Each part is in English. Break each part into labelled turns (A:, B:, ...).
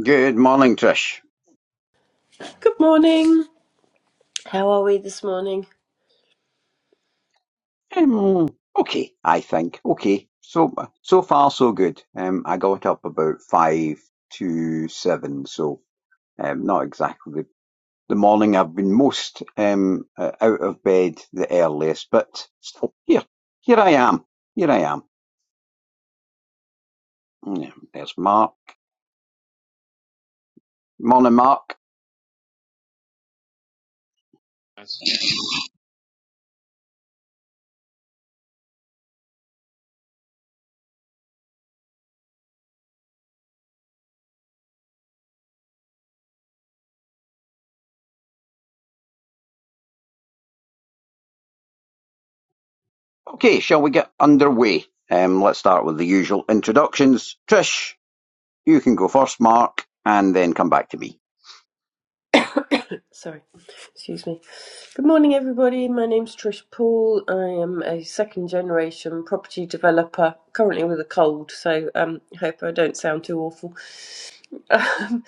A: Good morning, Trish.
B: Good morning. How are we this morning?
A: Um, okay, I think. Okay, so so far so good. Um, I got up about five to seven, so um, not exactly the, the morning I've been most um uh, out of bed the earliest, but still here, here I am, here I am. Yeah, There's Mark. Morning, Mark.
C: Yes.
A: Okay, shall we get underway? Um, let's start with the usual introductions. Trish, you can go first, Mark, and then come back to me.
B: Sorry, excuse me. Good morning, everybody. My name's Trish Poole. I am a second generation property developer, currently with a cold, so um, hope I don't sound too awful. Um,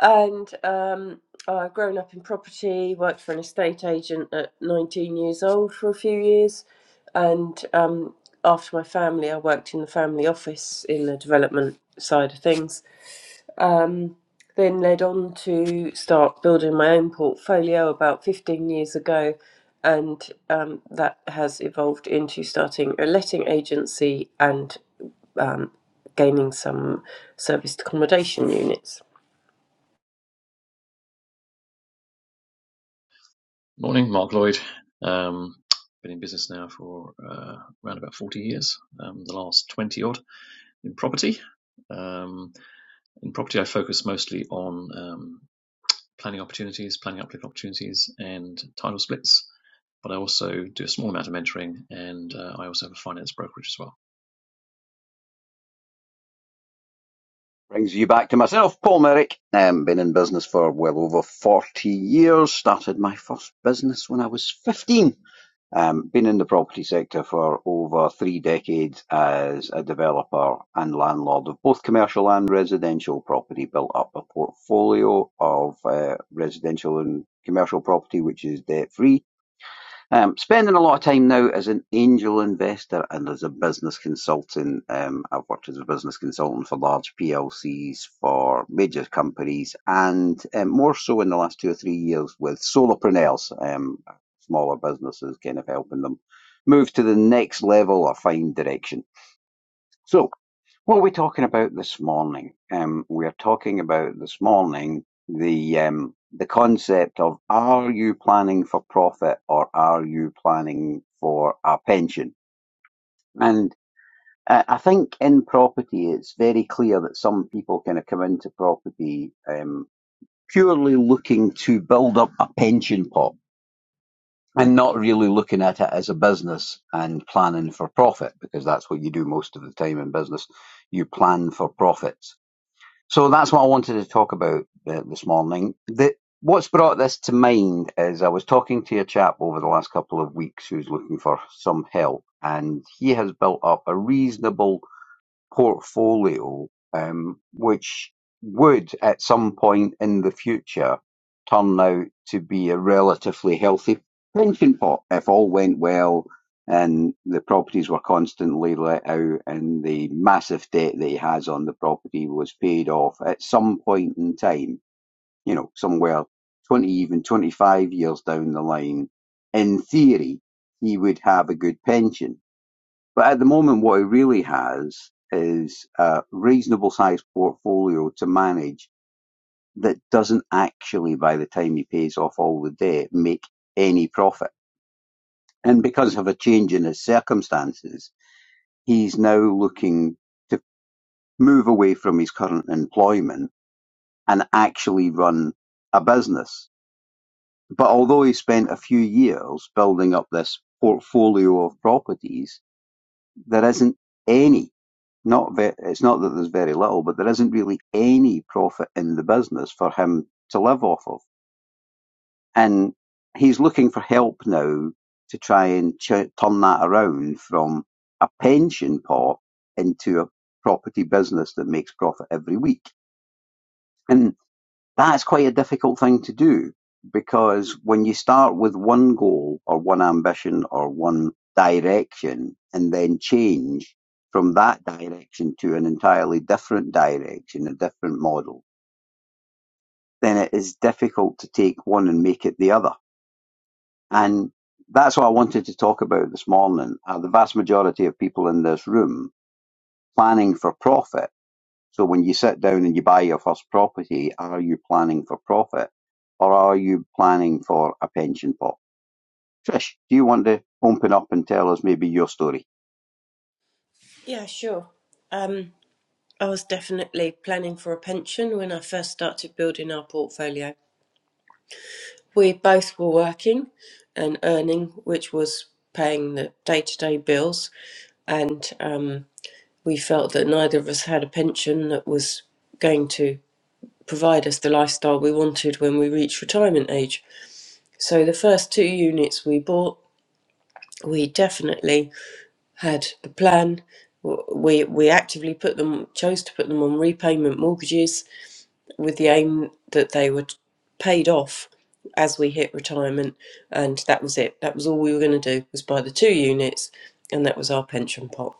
B: and um, I've grown up in property, worked for an estate agent at 19 years old for a few years, and um, after my family, I worked in the family office in the development side of things Um, then led on to start building my own portfolio about 15 years ago, and um, that has evolved into starting a letting agency and um, gaining some serviced accommodation units.
C: Morning, Mark Lloyd. Um, been in business now for uh, around about 40 years, um, the last 20 odd in property. Um, in property, I focus mostly on um, planning opportunities, planning uplift opportunities, and title splits. But I also do a small amount of mentoring, and uh, I also have a finance brokerage as well.
A: Brings you back to myself, Paul Merrick. Um, been in business for well over 40 years. Started my first business when I was 15. Um, been in the property sector for over three decades as a developer and landlord of both commercial and residential property. Built up a portfolio of uh, residential and commercial property, which is debt free. Um, spending a lot of time now as an angel investor and as a business consultant. Um, I've worked as a business consultant for large PLCs, for major companies, and um, more so in the last two or three years with solopreneurs, um, smaller businesses, kind of helping them move to the next level or find direction. So, what are we talking about this morning? Um, we are talking about this morning the um, the concept of are you planning for profit or are you planning for a pension? And uh, I think in property, it's very clear that some people kind of come into property um, purely looking to build up a pension pot and not really looking at it as a business and planning for profit because that's what you do most of the time in business. You plan for profits So that's what I wanted to talk about uh, this morning. The, what's brought this to mind is I was talking to a chap over the last couple of weeks who's looking for some help, and he has built up a reasonable portfolio, um, which would, at some point in the future, turn out to be a relatively healthy pension pot if all went well and the properties were constantly let out and the massive debt that he has on the property was paid off at some point in time, you know, somewhere 20, even 25 years down the line. In theory, he would have a good pension but at the moment, what he really has is a reasonable sized portfolio to manage that doesn't actually, by the time he pays off all the debt, make any profit. And because of a change in his circumstances, he's now looking to move away from his current employment and actually run a business. But although he spent a few years building up this portfolio of properties, there isn't any, not ve- it's not that there's very little, but there isn't really any profit in the business for him to live off of. And he's looking for help now to try and ch- turn that around from a pension pot into a property business that makes profit every week. And that's quite a difficult thing to do because when you start with one goal or one ambition or one direction and then change from that direction to an entirely different direction, a different model, then it is difficult to take one and make it the other. And that's what I wanted to talk about this morning. Uh, the vast majority of people in this room planning for profit So when you sit down and you buy your first property, are you planning for profit or are you planning for a pension pot? Trish, do you want to open up and tell us maybe your story?
B: Yeah, sure. Um, I was definitely planning for a pension when I first started building our portfolio. We both were working and earning, which was paying the day to day bills. And um, we felt that neither of us had a pension that was going to provide us the lifestyle we wanted when we reached retirement age. So the first two units we bought, we definitely had the plan. We we actively put them chose to put them on repayment mortgages with the aim that they were paid off as we hit retirement and that was it. That was all we were going to do was buy the two units and that was our pension pot.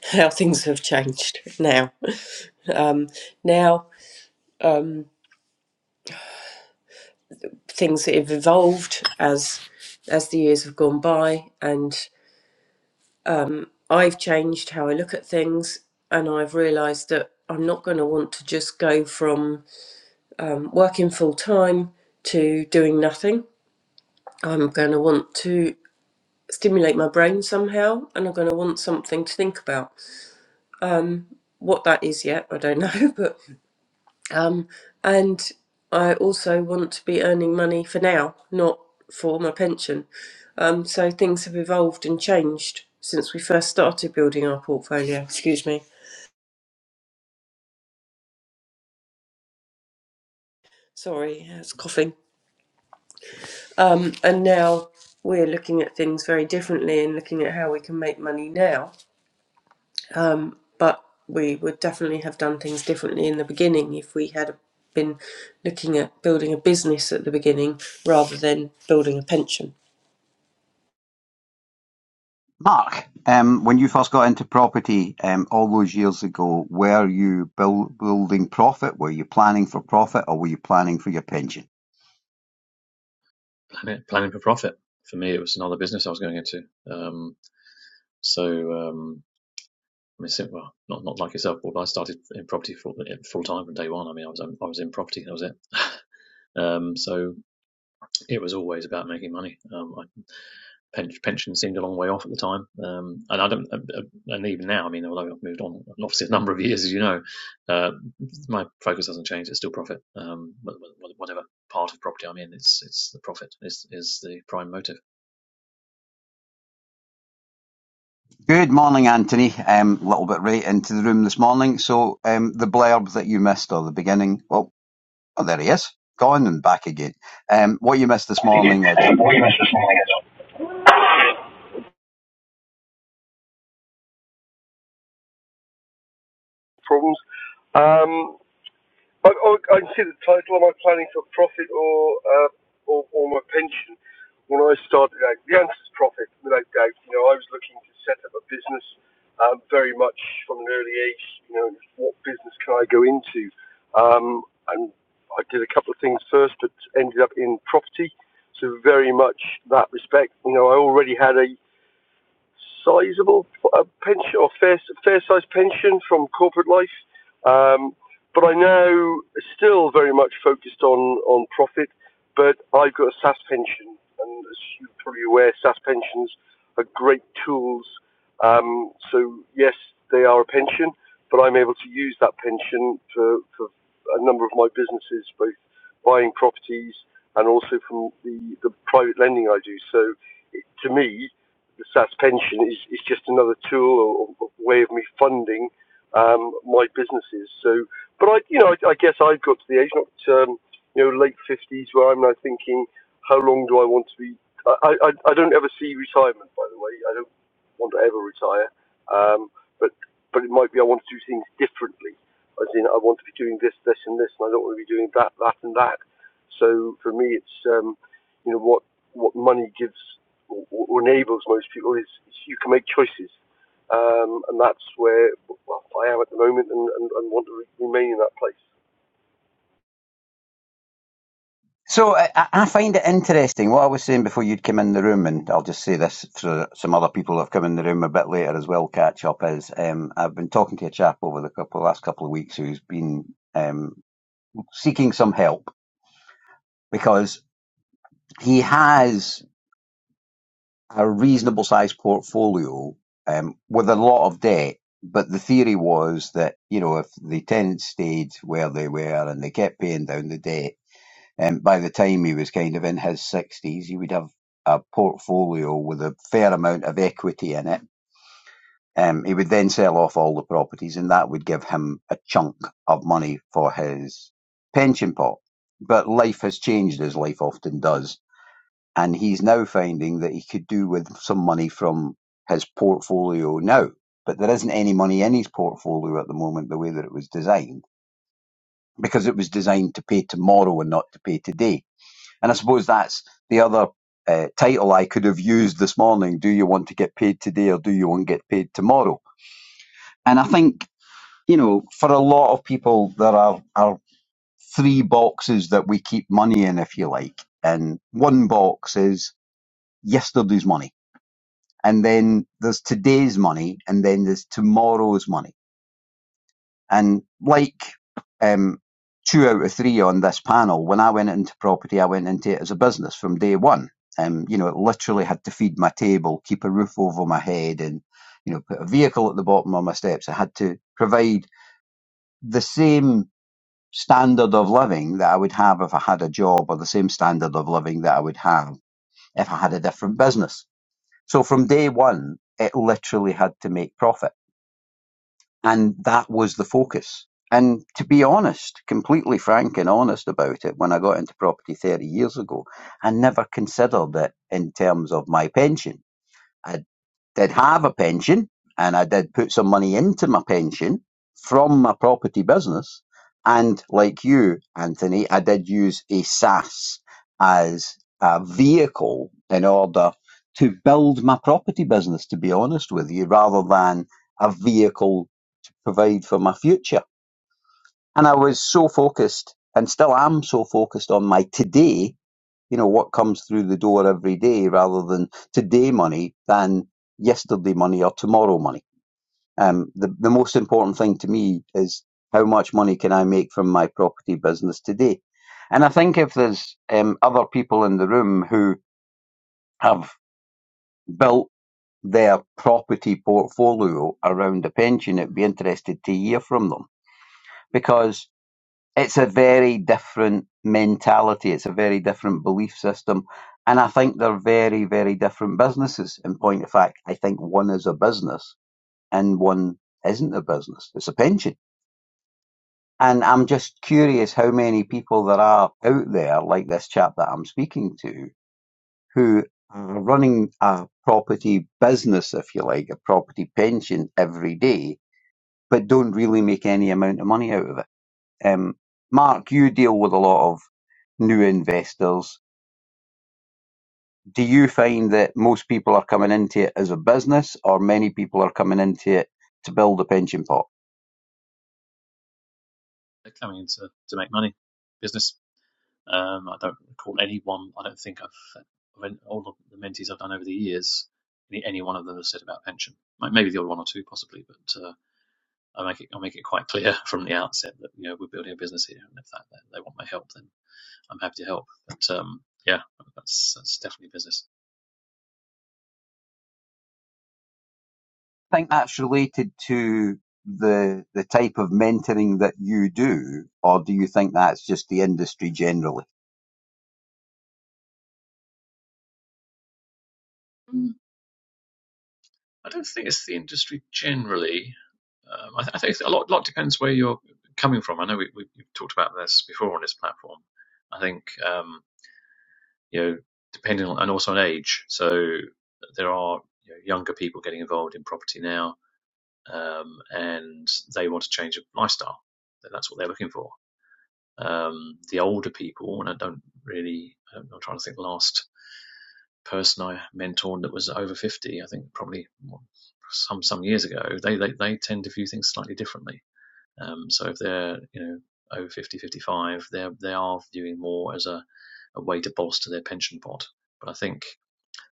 B: How things have changed now. Now um. things that have evolved as as the years have gone by and I've changed how I look at things and I've realized that I'm not going to want to just go from um, working full time to doing nothing. I'm going to want to stimulate my brain somehow and I'm going to want something to think about. What that is yet, I don't know, but Um, and I also want to be earning money for now, not for my pension. Um, so things have evolved and changed since we first started building our portfolio. Excuse me. Sorry, it's coughing. Um, and now we're looking at things very differently and looking at how we can make money now. But we would definitely have done things differently in the beginning if we had been looking at building a business at the beginning rather than building a pension.
A: Mark, um, when you first got into property um, all those years ago, were you build, building profit? Were you planning for profit, or were you planning for your pension?
C: Planet, planning for profit. For me, it was another business I was going into. Um, so um, I mean, well, not not like yourself, Paul, but I started in property full full time from day one. I mean, I was I was in property, that was it. Um, so it was always about making money. Um, I, pension seemed a long way off at the time, um, and I don't, uh, uh, and even now, I mean, although I've moved on, obviously a number of years, as you know, uh, my focus hasn't changed. It's still profit. Um, whatever part of property I'm in, it's it's the profit is is the prime motive.
A: Good morning, Anthony. A um, little bit right into the room this morning. So um, the blurb that you missed, or the beginning. well. Oh, there he is. Gone and back again. Um, what you missed this morning, uh,
D: Williams this morning as well. problems. Um, I, I, I can see the title. Am I planning for profit or uh, or, or my pension? When I started out, the answer is profit, without doubt. You know, I was looking to set up a business um, very much from an early age. You know, what business can I go into? Um, and I did a couple of things first, but ended up in property. So very much that respect. You know, I already had a sizable uh, pension or fair fair sized pension from corporate life, um, but I know still very much focused on on profit. But I've got a SAS pension, and as you're probably aware, SAS pensions are great tools. Um, so yes, they are a pension, but I'm able to use that pension for, for a number of my businesses, both buying properties and also from the, the private lending I do. So it, to me, the SAS pension is, is just another tool or, or way of me funding um, my businesses. So, but I, you know, I, I guess I've got to the age, not um, you know, late fifties, where I'm now thinking, how long do I want to be? I, I, I don't ever see retirement, by the way. I don't want to ever retire. Um, but, but it might be I want to do things differently. As in, I want to be doing this, this, and this, and I don't want to be doing that, that, and that. So for me, it's um, you know what what money gives or, or enables most people is, is you can make choices, um, and that's where well, I am at the moment, and, and, and want to re- remain in that place.
A: So I, I I find it interesting what I was saying before you'd come in the room, and I'll just say this for some other people who have come in the room a bit later as well. Catch up is um, I've been talking to a chap over the couple, last couple of weeks who's been um, seeking some help because he has a reasonable sized portfolio um, with a lot of debt. But the theory was that you know if the tenants stayed where they were and they kept paying down the debt Um, by the time he was kind of in his 60s, he would have a portfolio with a fair amount of equity in it. Um, he would then sell off all the properties, and that would give him a chunk of money for his pension pot. But life has changed, as life often does, and he's now finding that he could do with some money from his portfolio now. But there isn't any money in his portfolio at the moment, the way that it was designed, because it was designed to pay tomorrow and not to pay today and I suppose that's the other uh, title I could have used this morning. Do you want to get paid today or do you want to get paid tomorrow? And I think, you know, for a lot of people, there are, are three boxes that we keep money in, if you like. And one box is yesterday's money. And then there's today's money. And then there's tomorrow's money. And like um, two out of three on this panel, when I went into property, I went into it as a business from day one. Um, you know, it literally had to feed my table, keep a roof over my head, and you know, put a vehicle at the bottom of my steps. I had to provide the same standard of living that I would have if I had a job, or the same standard of living that I would have if I had a different business. So from day one, it literally had to make profit and that was the focus. And to be honest, completely frank and honest about it, when I got into property 30 years ago, I never considered it in terms of my pension. I did have a pension and I did put some money into my pension from my property business. And like you, Anthony, I did use a SAS as a vehicle in order to build my property business, to be honest with you, rather than a vehicle provide for my future. And I was so focused and still am so focused on my today, you know, what comes through the door every day rather than today money than yesterday money or tomorrow money. Um, the, the most important thing to me is how much money can I make from my property business today? And I think if there's um, other people in the room who have built their property portfolio around a pension, it'd be interested to hear from them because it's a very different mentality. It's a very different belief system. And I think they're very, very different businesses. In point of fact, I think one is a business and one isn't a business. It's a pension. And I'm just curious how many people there are out there, like this chap that I'm speaking to, who are running a property business, if you like, a property pension every day, but don't really make any amount of money out of it. Um, Mark, you deal with a lot of new investors. Do you find that most people are coming into it as a business, or many people are coming into it to build a pension pot?
C: coming in to, to make money, business. Um, I don't recall any one. I don't think I've of all of the mentees I've done over the years. Any, any one of them has said about pension. Maybe the odd one or two, possibly, but uh, I make it I make it quite clear from the outset that you know we're building a business here, and if that, that they want my help, then I'm happy to help. But um, yeah, that's that's definitely business.
A: I think that's related to the the type of mentoring that you do, or do you think that's just the industry generally?
C: Mm, I don't think it's the industry generally. Um, I, th- I think a lot lot depends where you're coming from. I know we, we, we've talked about this before on this platform. I think. Um, you know, depending on and also on age. So there are you know, younger people getting involved in property now, um, and they want to change of lifestyle. And That's what they're looking for. Um, the older people, and I don't really, I'm not trying to think. the Last person I mentored that was over fifty, I think probably some some years ago, they they, they tend to view things slightly differently. Um, so if they're you know over 50, 55, they they are viewing more as a, a way to bolster their pension pot. But I think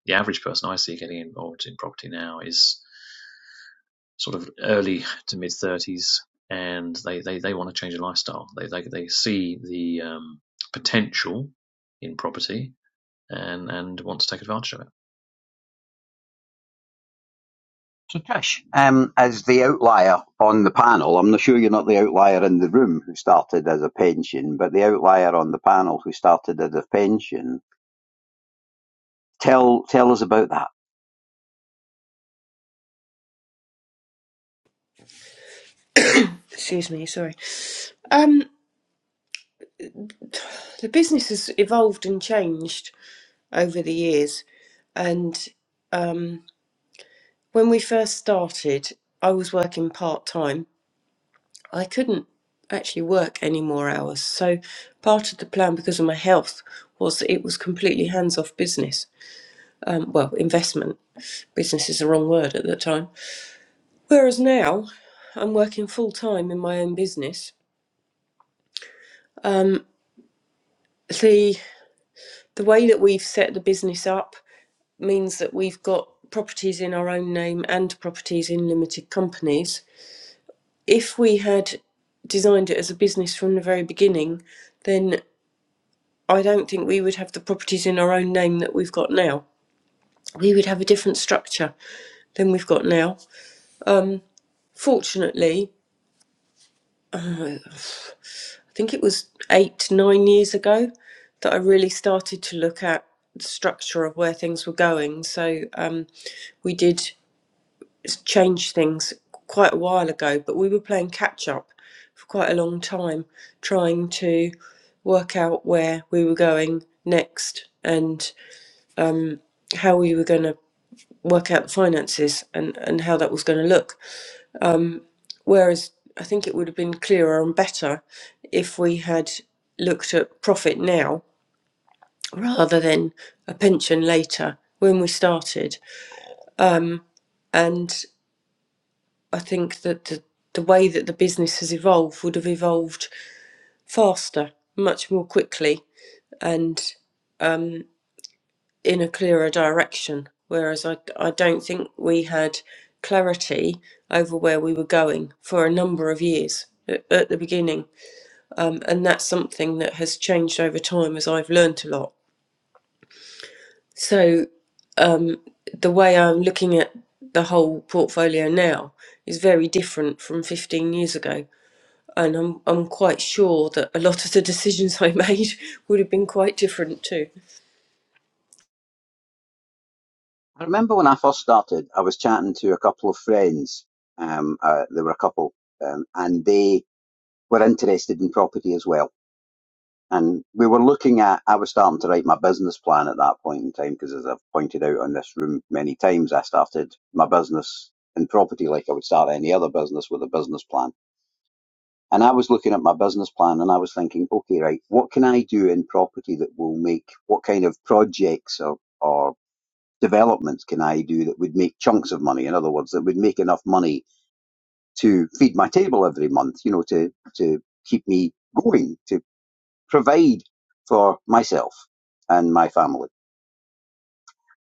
C: the average person I see getting involved in property now is sort of early to mid thirties, and they, they, they want to change their lifestyle. They they they see the um, potential in property and and want to take advantage of it.
A: So, Trish, um, as the outlier on the panel, I'm not sure you're not the outlier in the room who started as a pension, but the outlier on the panel who started as a pension. Tell tell us about that.
B: Excuse me, sorry. Um, the business has evolved and changed over the years. And um, when we first started, I was working part time. I couldn't actually work any more hours. So part of the plan, because of my health, was that it was completely hands off business. Um, well, investment. Business is the wrong word at that time. Whereas now, I'm working full time in my own business. Um, the the way that we've set the business up means that we've got properties in our own name and properties in limited companies. If we had designed it as a business from the very beginning, then I don't think we would have the properties in our own name that we've got now. We would have a different structure than we've got now. Fortunately, I think it was eight, nine years ago that I really started to look at the structure of where things were going. So um, we did changed things quite a while ago, but we were playing catch up for quite a long time, trying to work out where we were going next and how we were going to work out the finances and, and how that was going to look. Whereas I think it would have been clearer and better if we had looked at profit now rather than a pension later when we started. And I think that the, the way that the business has evolved would have evolved faster, much more quickly, and in a clearer direction. Whereas I, I don't think we had clarity over where we were going for a number of years at, at the beginning. Um, and that's something that has changed over time as I've learned a lot. So the way I'm looking at the whole portfolio now is very different from 15 years ago. And I'm, I'm quite sure that a lot of the decisions I made would have been quite different too.
A: I remember when I first started, I was chatting to a couple of friends. Um, uh, they were a couple, um, and they were interested in property as well. And we were looking at, I was starting to write my business plan at that point in time, because as I've pointed out on this room many times, I started my business in property like I would start any other business with a business plan. And I was looking at my business plan and I was thinking, okay, right, what can I do in property that will make, what kind of projects or, or developments can I do that would make chunks of money? In other words, that would make enough money to feed my table every month, you know, to, to keep me going, to provide for myself and my family.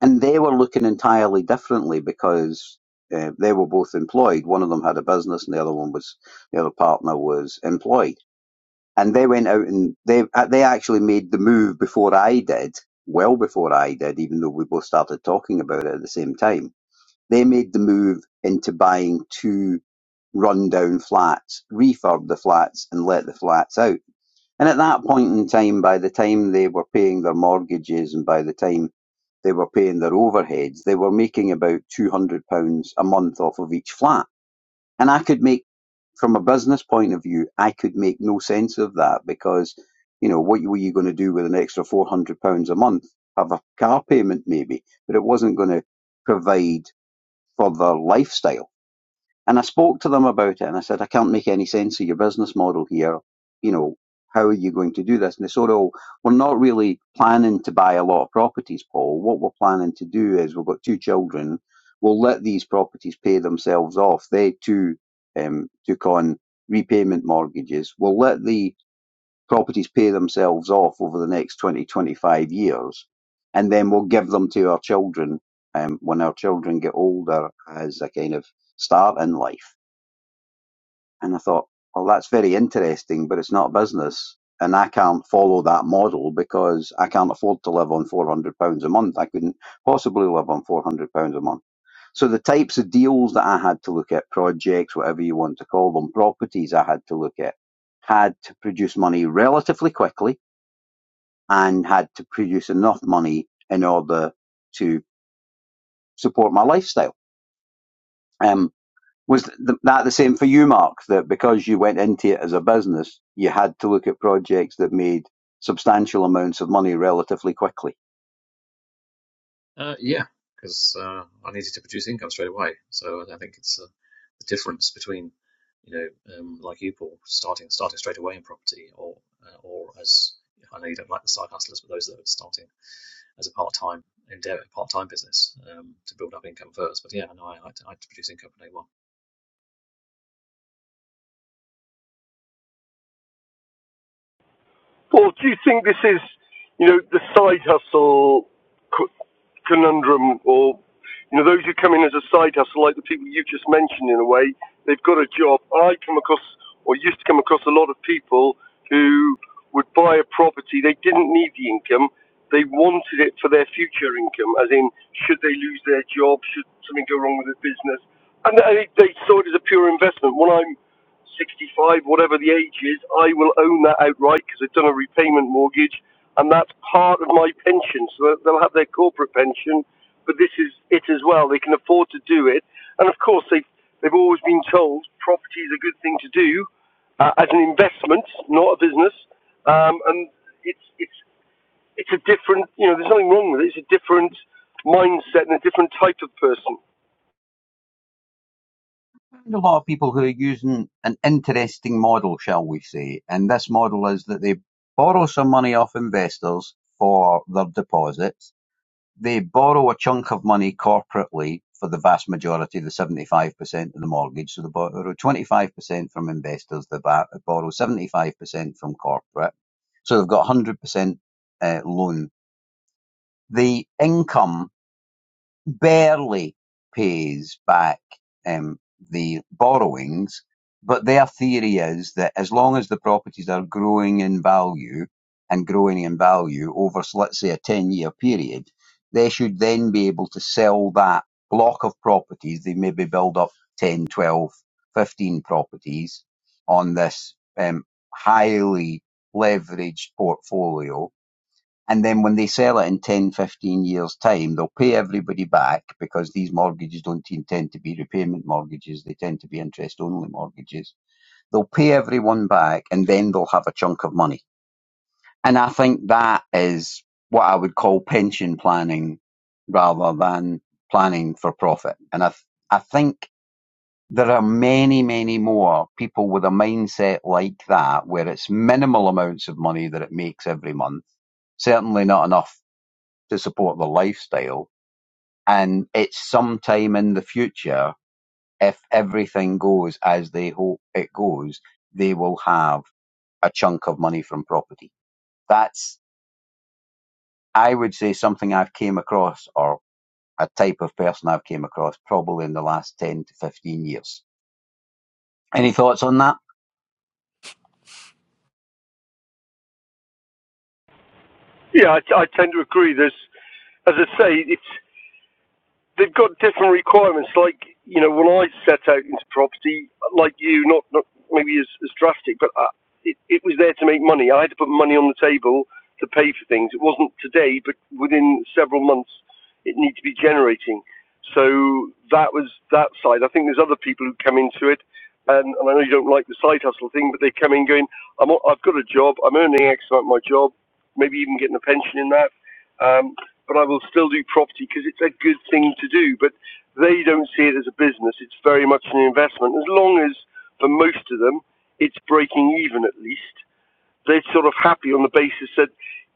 A: And they were looking entirely differently because uh, they were both employed. One of them had a business and the other one was, the other partner was employed. And they went out and they, uh, they actually made the move before I did, well before I did, even though we both started talking about it at the same time They made the move into buying two rundown flats, refurb the flats and let the flats out. And at that point in time, by the time they were paying their mortgages and by the time they were paying their overheads, they were making about £200 a month off of each flat. And I could make, from a business point of view, I could make no sense of that because, you know, what were you going to do with an extra £400 a month? Have a car payment maybe, but it wasn't going to provide for their lifestyle. And I spoke to them about it and I said, I can't make any sense of your business model here. You know, how are you going to do this? And they said, oh, we're not really planning to buy a lot of properties, Paul. What we're planning to do is we've got two children. We'll let these properties pay themselves off. They too um, took on repayment mortgages. We'll let the properties pay themselves off over the next 20, 25 years, and then we'll give them to our children um, when our children get older as a kind of start in life. And I thought, well, that's very interesting, but it's not business. And I can't follow that model because I can't afford to live on £400 a month. I couldn't possibly live on £400 a month. So the types of deals that I had to look at, projects, whatever you want to call them, properties I had to look at, had to produce money relatively quickly and had to produce enough money in order to support my lifestyle. Um, was th- that the same for you, Mark? That because you went into it as a business, you had to look at projects that made substantial amounts of money relatively quickly?
C: Uh, yeah, because uh, I needed to produce income straight away, so I think it's uh, the difference between you know um, like you Paul starting starting straight away in property or uh, or as I know you don't like the side hustlers, but those that are starting as a part time endeavor, part time business um, to build up income first. But yeah, no, I like to, I had to produce income from day one.
D: Paul, do you think this is, you know, the side hustle conundrum or you know those who come in as a side hustle like the people you just mentioned in a way they've got a job i come across or used to come across a lot of people who would buy a property they didn't need the income they wanted it for their future income as in should they lose their job should something go wrong with their business and they, they saw it as a pure investment when i'm 65 whatever the age is i will own that outright because i've done a repayment mortgage and that's part of my pension. So they'll have their corporate pension, but this is it as well. They can afford to do it, and of course they have they've always been told property is a good thing to do uh, as an investment, not a business. Um, and it's it's it's a different you know there's nothing wrong with it. It's a different mindset and a different type of person.
A: a lot of people who are using an interesting model, shall we say, and this model is that they borrow some money off investors for their deposits They borrow a chunk of money corporately for the vast majority, the 75% of the mortgage. So they borrow 25% from investors, they borrow 75% from corporate. So they've got 100% uh, loan. The income barely pays back um, the borrowings, but their theory is that as long as the properties are growing in value and growing in value over, so let's say, a 10 year period, they should then be able to sell that block of properties. They maybe build up 10, 12, 15 properties on this um, highly leveraged portfolio and then when they sell it in 10, 15 years' time, they'll pay everybody back because these mortgages don't te- tend to be repayment mortgages. They tend to be interest only mortgages. They'll pay everyone back and then they'll have a chunk of money. And I think that is what I would call pension planning rather than planning for profit. And I, th- I think there are many, many more people with a mindset like that where it's minimal amounts of money that it makes every month certainly not enough to support the lifestyle. And it's sometime in the future, if everything goes as they hope it goes, they will have a chunk of money from property. That's, I would say, something I've came across or a type of person I've came across probably in the last 10 to 15 years. Any thoughts on that?
D: Yeah, I, I tend to agree. There's as I say, it's they've got different requirements. Like you know, when I set out into property, like you, not not maybe as, as drastic, but I, it, it was there to make money. I had to put money on the table to pay for things. It wasn't today, but within several months, it needed to be generating. So that was that side. I think there's other people who come into it, and, and I know you don't like the side hustle thing, but they come in going, I'm, i I've got a job, I'm earning X amount of my job, maybe even getting a pension in that. Um, but I will still do property because it's a good thing to do. But they don't see it as a business. It's very much an investment. As long as, for most of them, it's breaking even at least, they're sort of happy on the basis that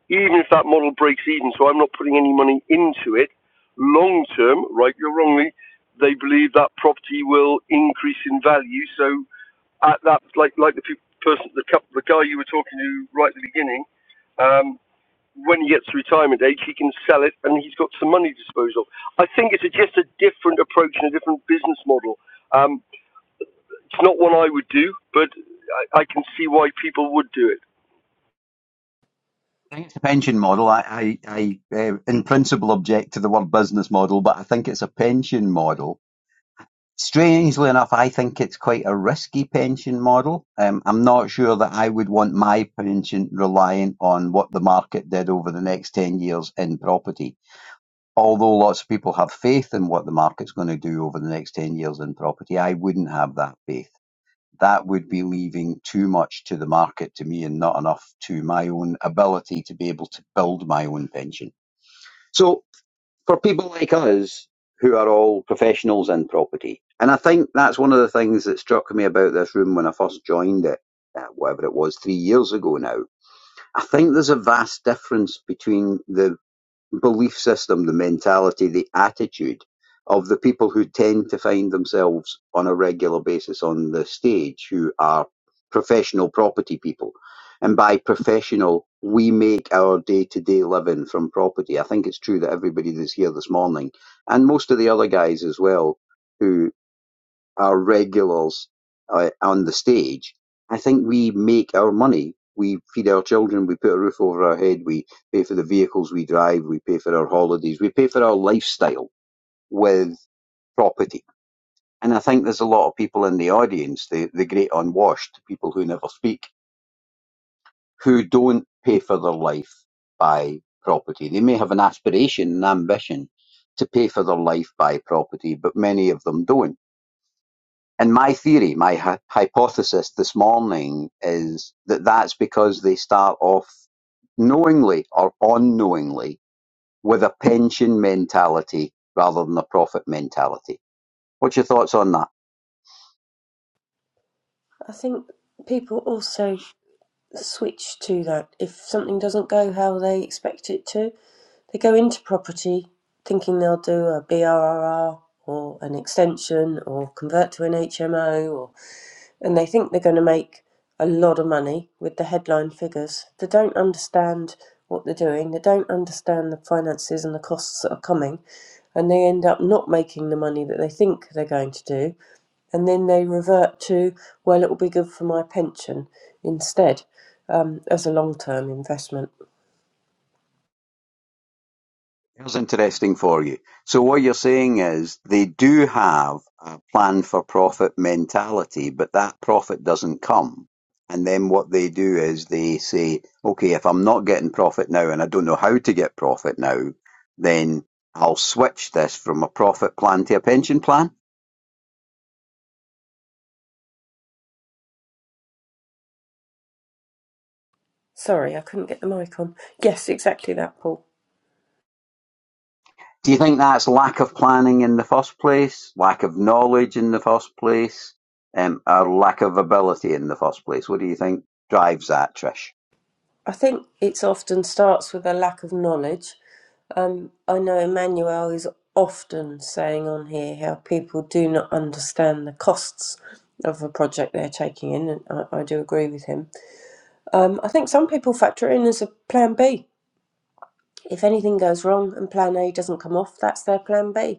D: even if that model breaks even, so I'm not putting any money into it, long term, rightly or wrongly, they believe that property will increase in value. So at that, like like the person, the couple, the guy you were talking to right at the beginning, um, when he gets to retirement age, he can sell it and he's got some money to dispose of. I think it's a, just a different approach and a different business model. Um, it's not one I would do, but I, I can see why people would do it.
A: I think it's a pension model. I, I, I uh, in principle object to the word business model, but I think it's a pension model Strangely enough, I think it's quite a risky pension model. Um, I'm not sure that I would want my pension reliant on what the market did over the next 10 years in property. Although lots of people have faith in what the market's going to do over the next 10 years in property, I wouldn't have that faith. That would be leaving too much to the market to me and not enough to my own ability to be able to build my own pension. So for people like us who are all professionals in property. And I think that's one of the things that struck me about this room when I first joined it, uh, whatever it was, three years ago now. I think there's a vast difference between the belief system, the mentality, the attitude of the people who tend to find themselves on a regular basis on the stage, who are professional property people. And by professional, we make our day to day living from property. I think it's true that everybody that's here this morning, and most of the other guys as well, who our regulars uh, on the stage, I think we make our money. We feed our children, we put a roof over our head, we pay for the vehicles we drive, we pay for our holidays, we pay for our lifestyle with property. And I think there's a lot of people in the audience, the, the great unwashed, people who never speak, who don't pay for their life by property. They may have an aspiration, an ambition to pay for their life by property, but many of them don't. And my theory, my hy- hypothesis this morning is that that's because they start off knowingly or unknowingly with a pension mentality rather than a profit mentality. What's your thoughts on that?
B: I think people also switch to that. If something doesn't go how they expect it to, they go into property thinking they'll do a BRRR or an extension or convert to an HMO, or, and they think they're going to make a lot of money with the headline figures. They don't understand what they're doing, they don't understand the finances and the costs that are coming, and they end up not making the money that they think they're going to do and then they revert to, well, it will be good for my pension instead um, as a long term investment.
A: Here's interesting for you. So what you're saying is they do have a plan for profit mentality, but that profit doesn't come. And then what they do is they say, okay, if I'm not getting profit now and I don't know how to get profit now, then I'll switch this from a profit plan to a pension plan.
B: Sorry, I couldn't get the mic on. Yes, exactly that, Paul.
A: Do you think that's lack of planning in the first place, lack of knowledge in the first place, um, or lack of ability in the first place? What do you think drives that, Trish?
B: I think it often starts with a lack of knowledge. Um, I know Emmanuel is often saying on here how people do not understand the costs of a project they're taking in, and I, I do agree with him. Um, I think some people factor in as a plan B. If anything goes wrong and plan A doesn't come off, that's their plan B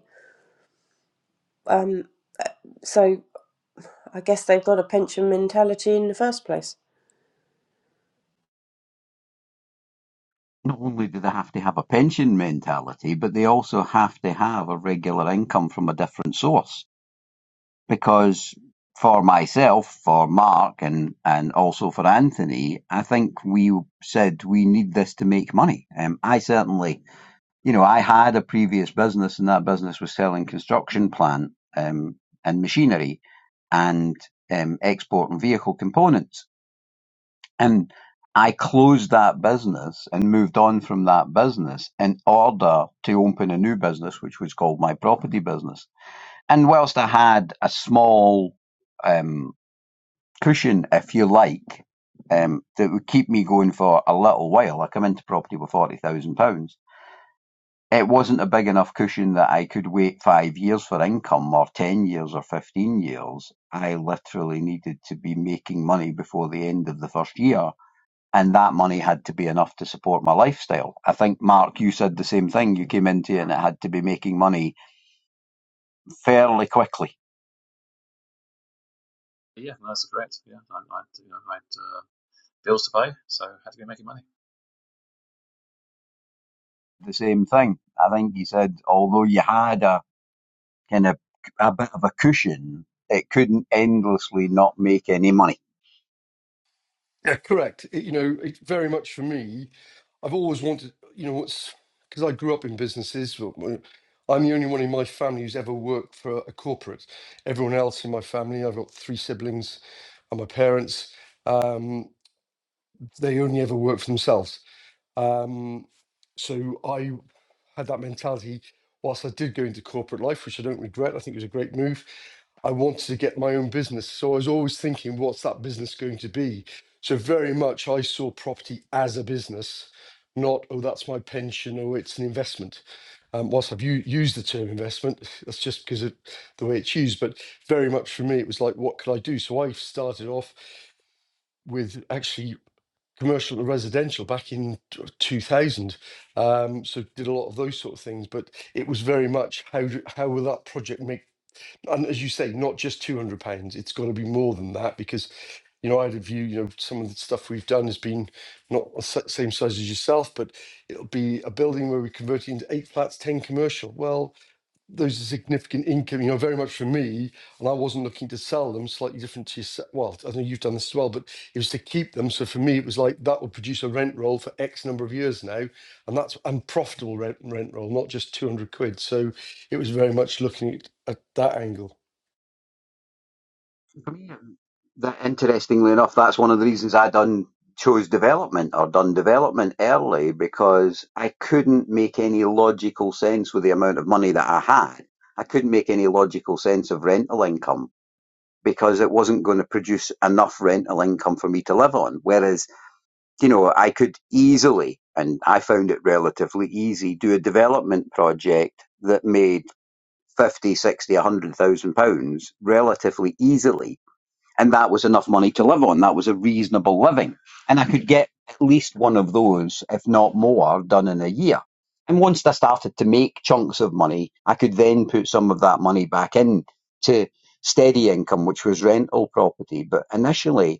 B: Um, so I guess they've got a pension mentality in the first place.
A: not only do they have to have a pension mentality, but they also have to have a regular income from a different source. Because for myself, for Mark, and, and also for Anthony, I think we said we need this to make money. Um, I certainly, you know, I had a previous business, and that business was selling construction plant um, and machinery and um, export and vehicle components. And I closed that business and moved on from that business in order to open a new business, which was called my property business. And whilst I had a small um, cushion, if you like, um, that would keep me going for a little while, I come into property with £40,000. It wasn't a big enough cushion that I could wait five years for income or 10 years or 15 years. I literally needed to be making money before the end of the first year and that money had to be enough to support my lifestyle. I think, Mark, you said the same thing. You came into it and it had to be making money fairly quickly.
C: But yeah, no, that's correct. Yeah, I, I, you know, I had uh, bills to pay, so I had to be making money.
A: The same thing. I think you said, although you had a kind of a bit of a cushion, it couldn't endlessly not make any money.
D: Yeah, correct. It- you know, it very much for me. I've always wanted, you know, what's because I grew up in businesses. w- w- I'm the only one in my family who's ever worked for a corporate. Everyone else in my family, I've got three siblings and my parents, um, they only ever work for themselves. Um, so I had that mentality whilst I did go into corporate life, which I don't regret. I think it was a great move. I wanted to get my own business. So I was always thinking, what's that business going to be? So very much I saw property as a business, not, oh, that's my pension or it's an investment. Um, whilst I've u- used the term investment, that's just because of the way it's used. But very much for me, it was like, what could I do? So I started off with actually commercial and residential back in 2000 um so did a lot of those sort of things but it was very much how do, how will that project make and as you say not just 200 pounds it's got to be more than that because you know i had a view you know some of the stuff we've done has been not the same size as yourself but it'll be a building where we convert it into eight flats 10 commercial well those are significant income, you know, very much for me. And I wasn't looking to sell them, slightly different to yourself. Well, I know you've done this as well, but it was to keep them. So for me, it was like that would produce a rent roll for X number of years now. And that's unprofitable rent, rent roll, not just 200 quid. So it was very much looking at, at that angle.
A: For me, that interestingly enough, that's one of the reasons I done chose development or done development early because I couldn't make any logical sense with the amount of money that I had. I couldn't make any logical sense of rental income because it wasn't going to produce enough rental income for me to live on. Whereas, you know, I could easily, and I found it relatively easy, do a development project that made 50, 60, a 100,000 pounds relatively easily and that was enough money to live on. That was a reasonable living. And I could get at least one of those, if not more, done in a year. And once I started to make chunks of money, I could then put some of that money back in to steady income, which was rental property. But initially,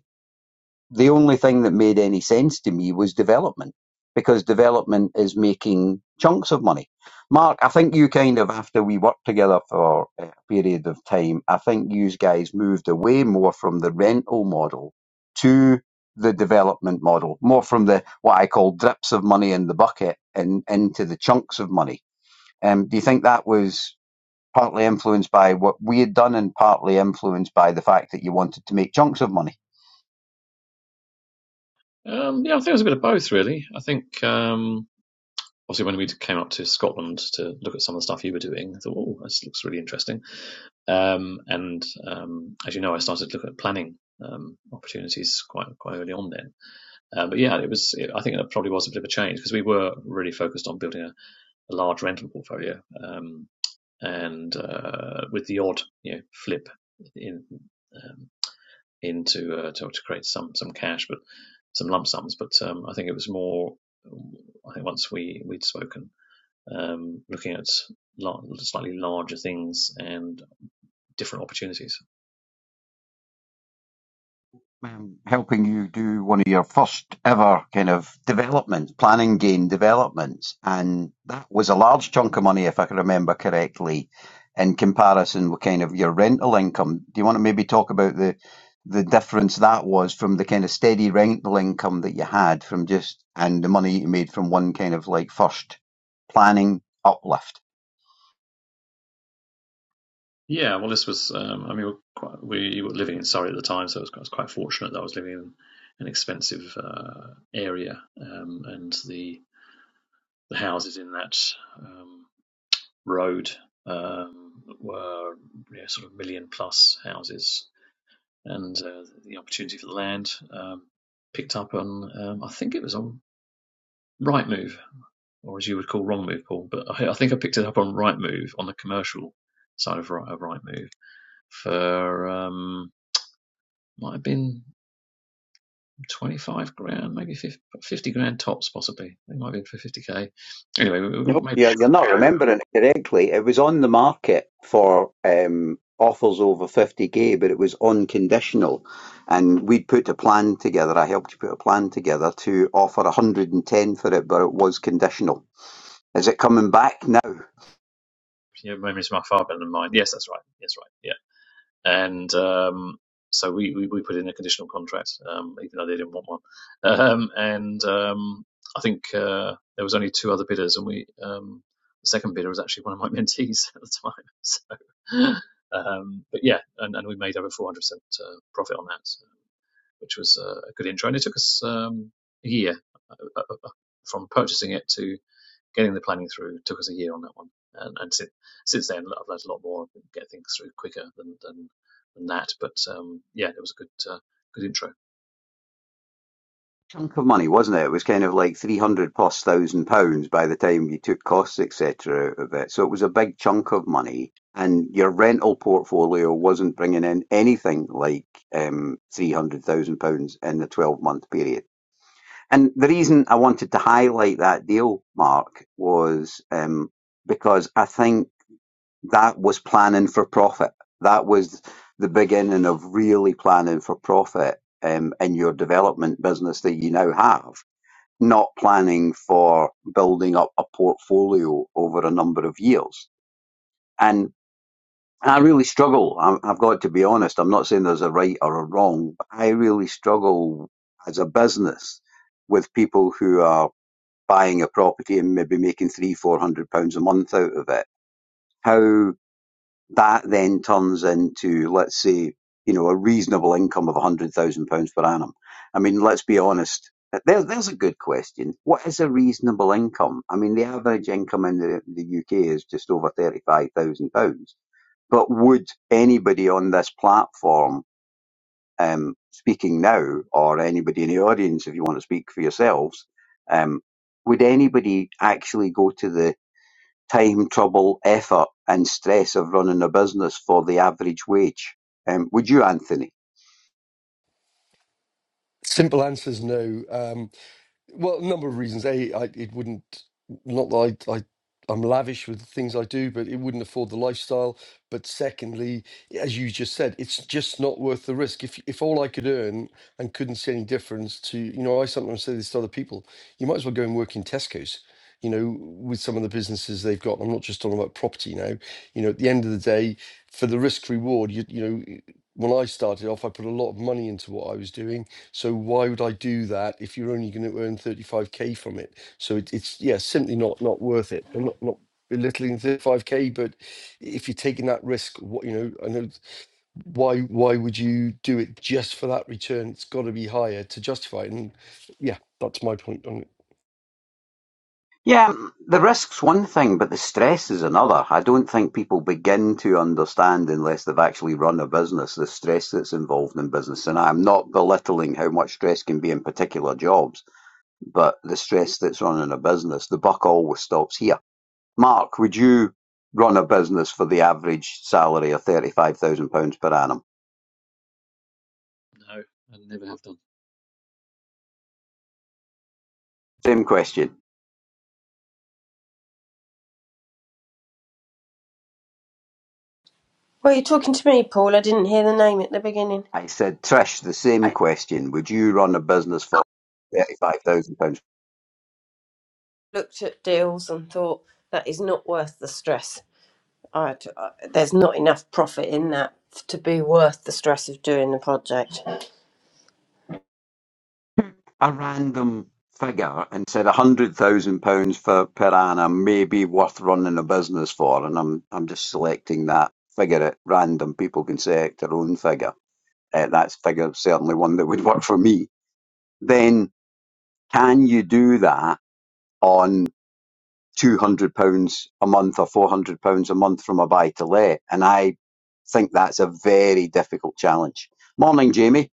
A: the only thing that made any sense to me was development because development is making chunks of money. Mark, I think you kind of, after we worked together for a period of time, I think you guys moved away more from the rental model to the development model, more from the what I call drips of money in the bucket and into the chunks of money. Um, do you think that was partly influenced by what we had done and partly influenced by the fact that you wanted to make chunks of money?
C: Um, yeah, I think it was a bit of both, really. I think um, obviously when we came up to Scotland to look at some of the stuff you were doing, I thought, oh, this looks really interesting. Um, and um, as you know, I started to look at planning um, opportunities quite quite early on then. Uh, but yeah, it was. It, I think it probably was a bit of a change because we were really focused on building a a large rental portfolio, um, and uh, with the odd you know flip in um, into uh, to, to create some some cash, but some lump sums. But um, I think it was more. I think once we we'd spoken, um, looking at lar- slightly larger things and different opportunities.
A: um, helping you do one of your first ever kind of development planning game developments, and that was a large chunk of money, if I can remember correctly, in comparison with kind of your rental income. Do you want to maybe talk about the the difference that was from the kind of steady rental income that you had from just and the money you made from one kind of like first planning uplift?
C: Yeah, well, this was. Um, I mean, we were, quite, we were living in Surrey at the time, so I was, I was quite fortunate that I was living in an expensive uh, area, um, and the the houses in that um, road um, were you know, sort of million plus houses, and uh, the opportunity for the land um, picked up on um, I think it was on Rightmove or as you would call Wrong Move, Paul, but I, I think I picked it up on Rightmove on the commercial side of right, of Rightmove for um, might have been. 25 grand, maybe 50, grand tops, possibly. It might have been for 50k. Anyway,
A: Nope,
C: maybe
A: you're, you're not remembering it correctly. It was on the market for um, offers over 50k, but it was unconditional. And we'd put a plan together. I helped you put a plan together to offer 110 for it, but it was conditional. Is it coming back now?
C: your memories are far better than mine. Yes, that's right. Yes, right. Yeah. and um, so we, we, we put in a conditional contract, um, even though they didn't want one. Um, and um, I think uh, there was only two other bidders, and we um, the second bidder was actually one of my mentees at the time. So, um, but yeah, and, and we made over 400 percent uh, profit on that, so, which was uh, a good intro, and it took us um, a year uh, uh, uh, from purchasing it to getting the planning through took us a year on that one, and, and since since then I've learned a lot more, and get things through quicker than than, than that. But um, yeah, it was a good uh, good intro.
A: chunk of money, wasn't it? It was kind of like three hundred plus thousand pounds by the time you took costs, etc., out of it. So it was a big chunk of money, and your rental portfolio wasn't bringing in anything like um, three hundred thousand pounds in the twelve month period. And the reason I wanted to highlight that deal, Mark, was um, because I think that was planning for profit. That was the beginning of really planning for profit um, in your development business that you now have not planning for building up a portfolio over a number of years. And I really struggle. i have got to be honest. I'm not saying there's a right or a wrong. But I really struggle as a business with people who are buying a property and maybe making three, four hundred pounds a month out of it. How that then turns into, let's say, you know, a reasonable income of £100,000 per annum. I mean, let's be honest. There, there's a good question. What is a reasonable income? I mean, the average income in the, the UK is just over £35,000. But would anybody on this platform um, speaking now, or anybody in the audience, if you want to speak for yourselves, um, would anybody actually go to the time, trouble, effort, and stress of running a business for the average wage. Um, would you, Anthony?
D: Simple answer is no. Um, Well, a number of reasons. A, I, it wouldn't, not that I, I, I'm lavish with the things I do, but it wouldn't afford the lifestyle. But secondly, as you just said, it's just not worth the risk. If if all I could earn and couldn't see any difference to, you know, I sometimes say this to other people, you might as well go and work in Tesco's. You know, with some of the businesses they've got, I'm not just talking about property now. You know, at the end of the day, for the risk reward, you you know, when I started off, I put a lot of money into what I was doing so why would I do that if you're only going to earn 35k from it? So it, it's yeah, simply not not worth it. I'm not not belittling 35k, but if you're taking that risk, what you know, I know why why would you do it just for that return? It's got to be higher to justify it. And yeah, that's my point on it.
A: Yeah, the risk's one thing, but the stress is another. I don't think people begin to understand unless they've actually run a business the stress that's involved in business. And I'm not belittling how much stress can be in particular jobs, but the stress that's running a business, the buck always stops here. Mark, would you run a business for the average salary of £35,000 per annum?
C: No, I never have done.
A: Same question.
B: Well, you're talking to me, Paul. I didn't hear the name at the beginning.
A: I said, Trish, the same
B: I
A: question. Would you run a business for £35,000?
B: looked at deals and thought that is not worth the stress. I, I- there's not enough profit in that to be worth the stress of doing the project.
A: A random figure and said £100,000 for, per annum may be worth running a business for. And I'm, I'm just selecting that figure at random. People can select their own figure. Uh, that's figure certainly one that would work for me. Then can you do that on two hundred pounds a month or four hundred pounds a month from a buy to let, and I think that's a very difficult challenge. Morning, Jamie.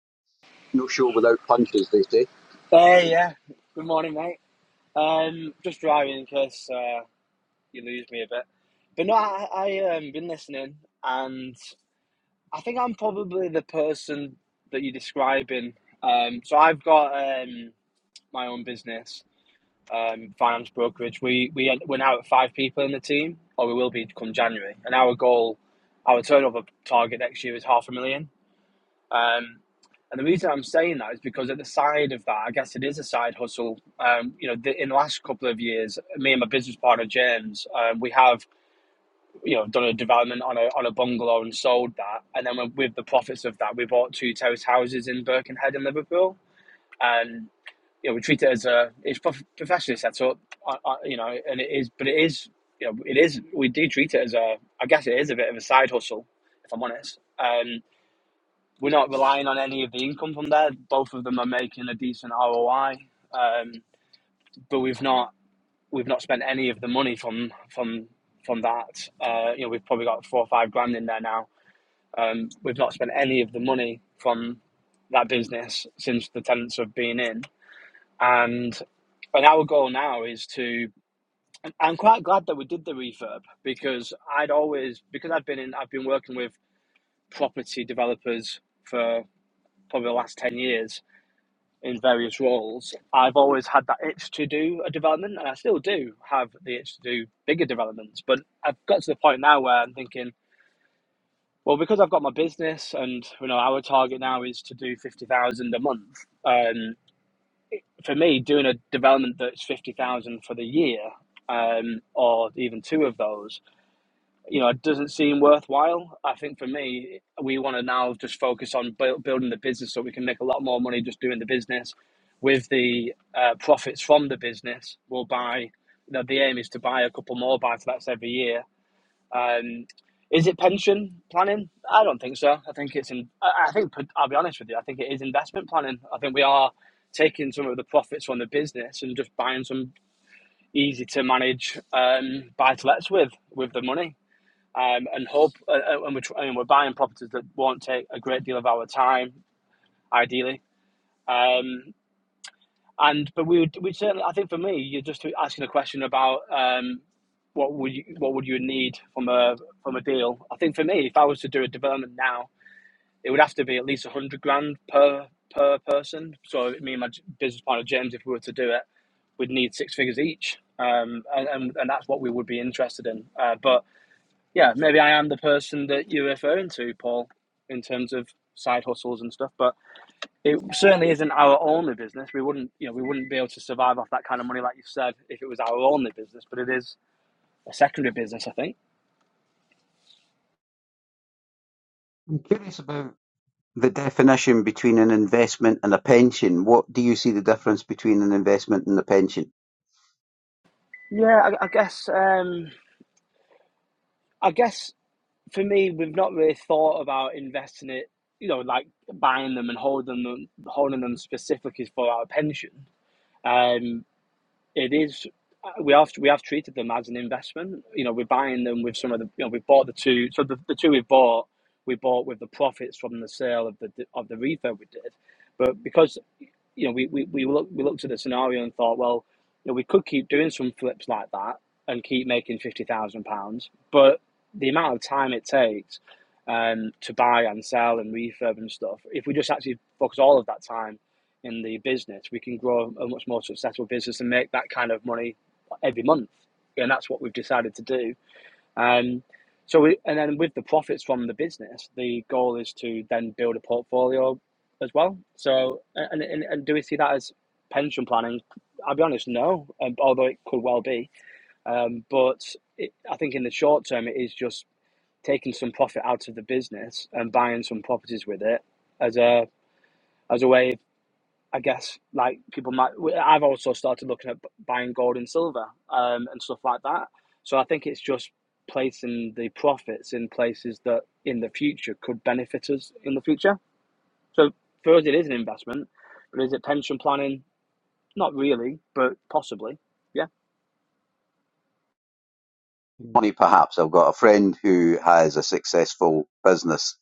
A: No show without punches, they say.
E: Hey, yeah. Good morning, mate. Um, just driving in case uh, you lose me a bit. But no, I, I um been listening, and I think I'm probably the person that you're describing. Um, so I've got um my own business, um, finance brokerage. We we we're now at five people in the team, or we will be come January. And our goal, our turnover target next year is half a million. Um, and the reason I'm saying that is because at the side of that, I guess it is a side hustle. Um, you know, the, in the last couple of years, me and my business partner James, um, we have you know done a development on a on a bungalow and sold that, and then with the profits of that, we bought two terrace houses in Birkenhead and Liverpool, and you know we treat it as a it's prof- professionally set up, uh, uh, you know, and it is, but it is you know it is we do treat it as a I guess it is a bit of a side hustle if I'm honest. Um, we're not relying on any of the income from there. Both of them are making a decent ROI, um, but we've not we've not spent any of the money from from from that. Uh, you know, we've probably got four or five grand in there now. Um, we've not spent any of the money from that business since the tenants have been in. And and our goal now is to. I'm quite glad that we did the refurb because I'd always because I've been in I've been working with property developers for probably the last ten years, in various roles, I've always had that itch to do a development, and I still do have the itch to do bigger developments. But I've got to the point now where I'm thinking, well, because I've got my business, and you know, our target now is to do fifty thousand a month. Um, for me, doing a development that's fifty thousand for the year, um, or even two of those, you know, does it seem worthwhile? I think for me, we want to now just focus on buil- building the business so we can make a lot more money just doing the business. With the uh, profits from the business, we'll buy. You know, the aim is to buy a couple more buy-to-lets every year. Um, is it pension planning? I don't think so. I think it's in. I I think I'll be honest with you. I think it is investment planning. I think we are taking some of the profits from the business and just buying some easy to manage um, buy-to-lets with with the money um, and hope, uh, uh, and we're tr- and we're buying properties that won't take a great deal of our time, ideally. Um, and but we would we certainly, I think for me, you're just asking a question about um, what would you what would you need from a from a deal. I think for me, if I was to do a development now, it would have to be at least a hundred grand per per person. So me and my business partner James, if we were to do it, we'd need six figures each, um, and, and and that's what we would be interested in. Uh, but yeah, maybe I am the person that you're referring to, Paul, in terms of side hustles and stuff. But it certainly isn't our only business. We wouldn't, you know, we wouldn't be able to survive off that kind of money, like you said, if it was our only business. But it is a secondary business, I think.
A: I'm curious about the definition between an investment and a pension. What do you see the difference between an investment and a pension?
E: Yeah, I, I guess. Um, I guess for me, we've not really thought about investing it. You know, like buying them and holding them, holding them specifically for our pension. Um, it is uh, we have we have treated them as an investment. You know, we're buying them with some of the you know we bought the two so the, the two we bought we bought with the profits from the sale of the of the refurb we did, but because you know, we, we, we looked we looked at the scenario and thought, well, you know, we could keep doing some flips like that and keep making fifty thousand pounds, but the amount of time it takes um, to buy and sell and refurb and stuff, if we just actually focus all of that time in the business, we can grow a much more successful business and make that kind of money every month. And that's what we've decided to do um, so we, and then with the profits from the business, the goal is to then build a portfolio as well. So and and, and do we see that as pension planning? I'll be honest, no. Um, although it could well be, um, but it, I think in the short term, it is just taking some profit out of the business and buying some properties with it as a as a way I guess like people might. i I've also started looking at buying gold and silver um, and stuff like that. So I think it's just placing the profits in places that in the future could benefit us in the future. So for us, it is an investment, but is it pension planning? Not really, but possibly. Yeah.
A: Money, perhaps. I've got a friend who has a successful business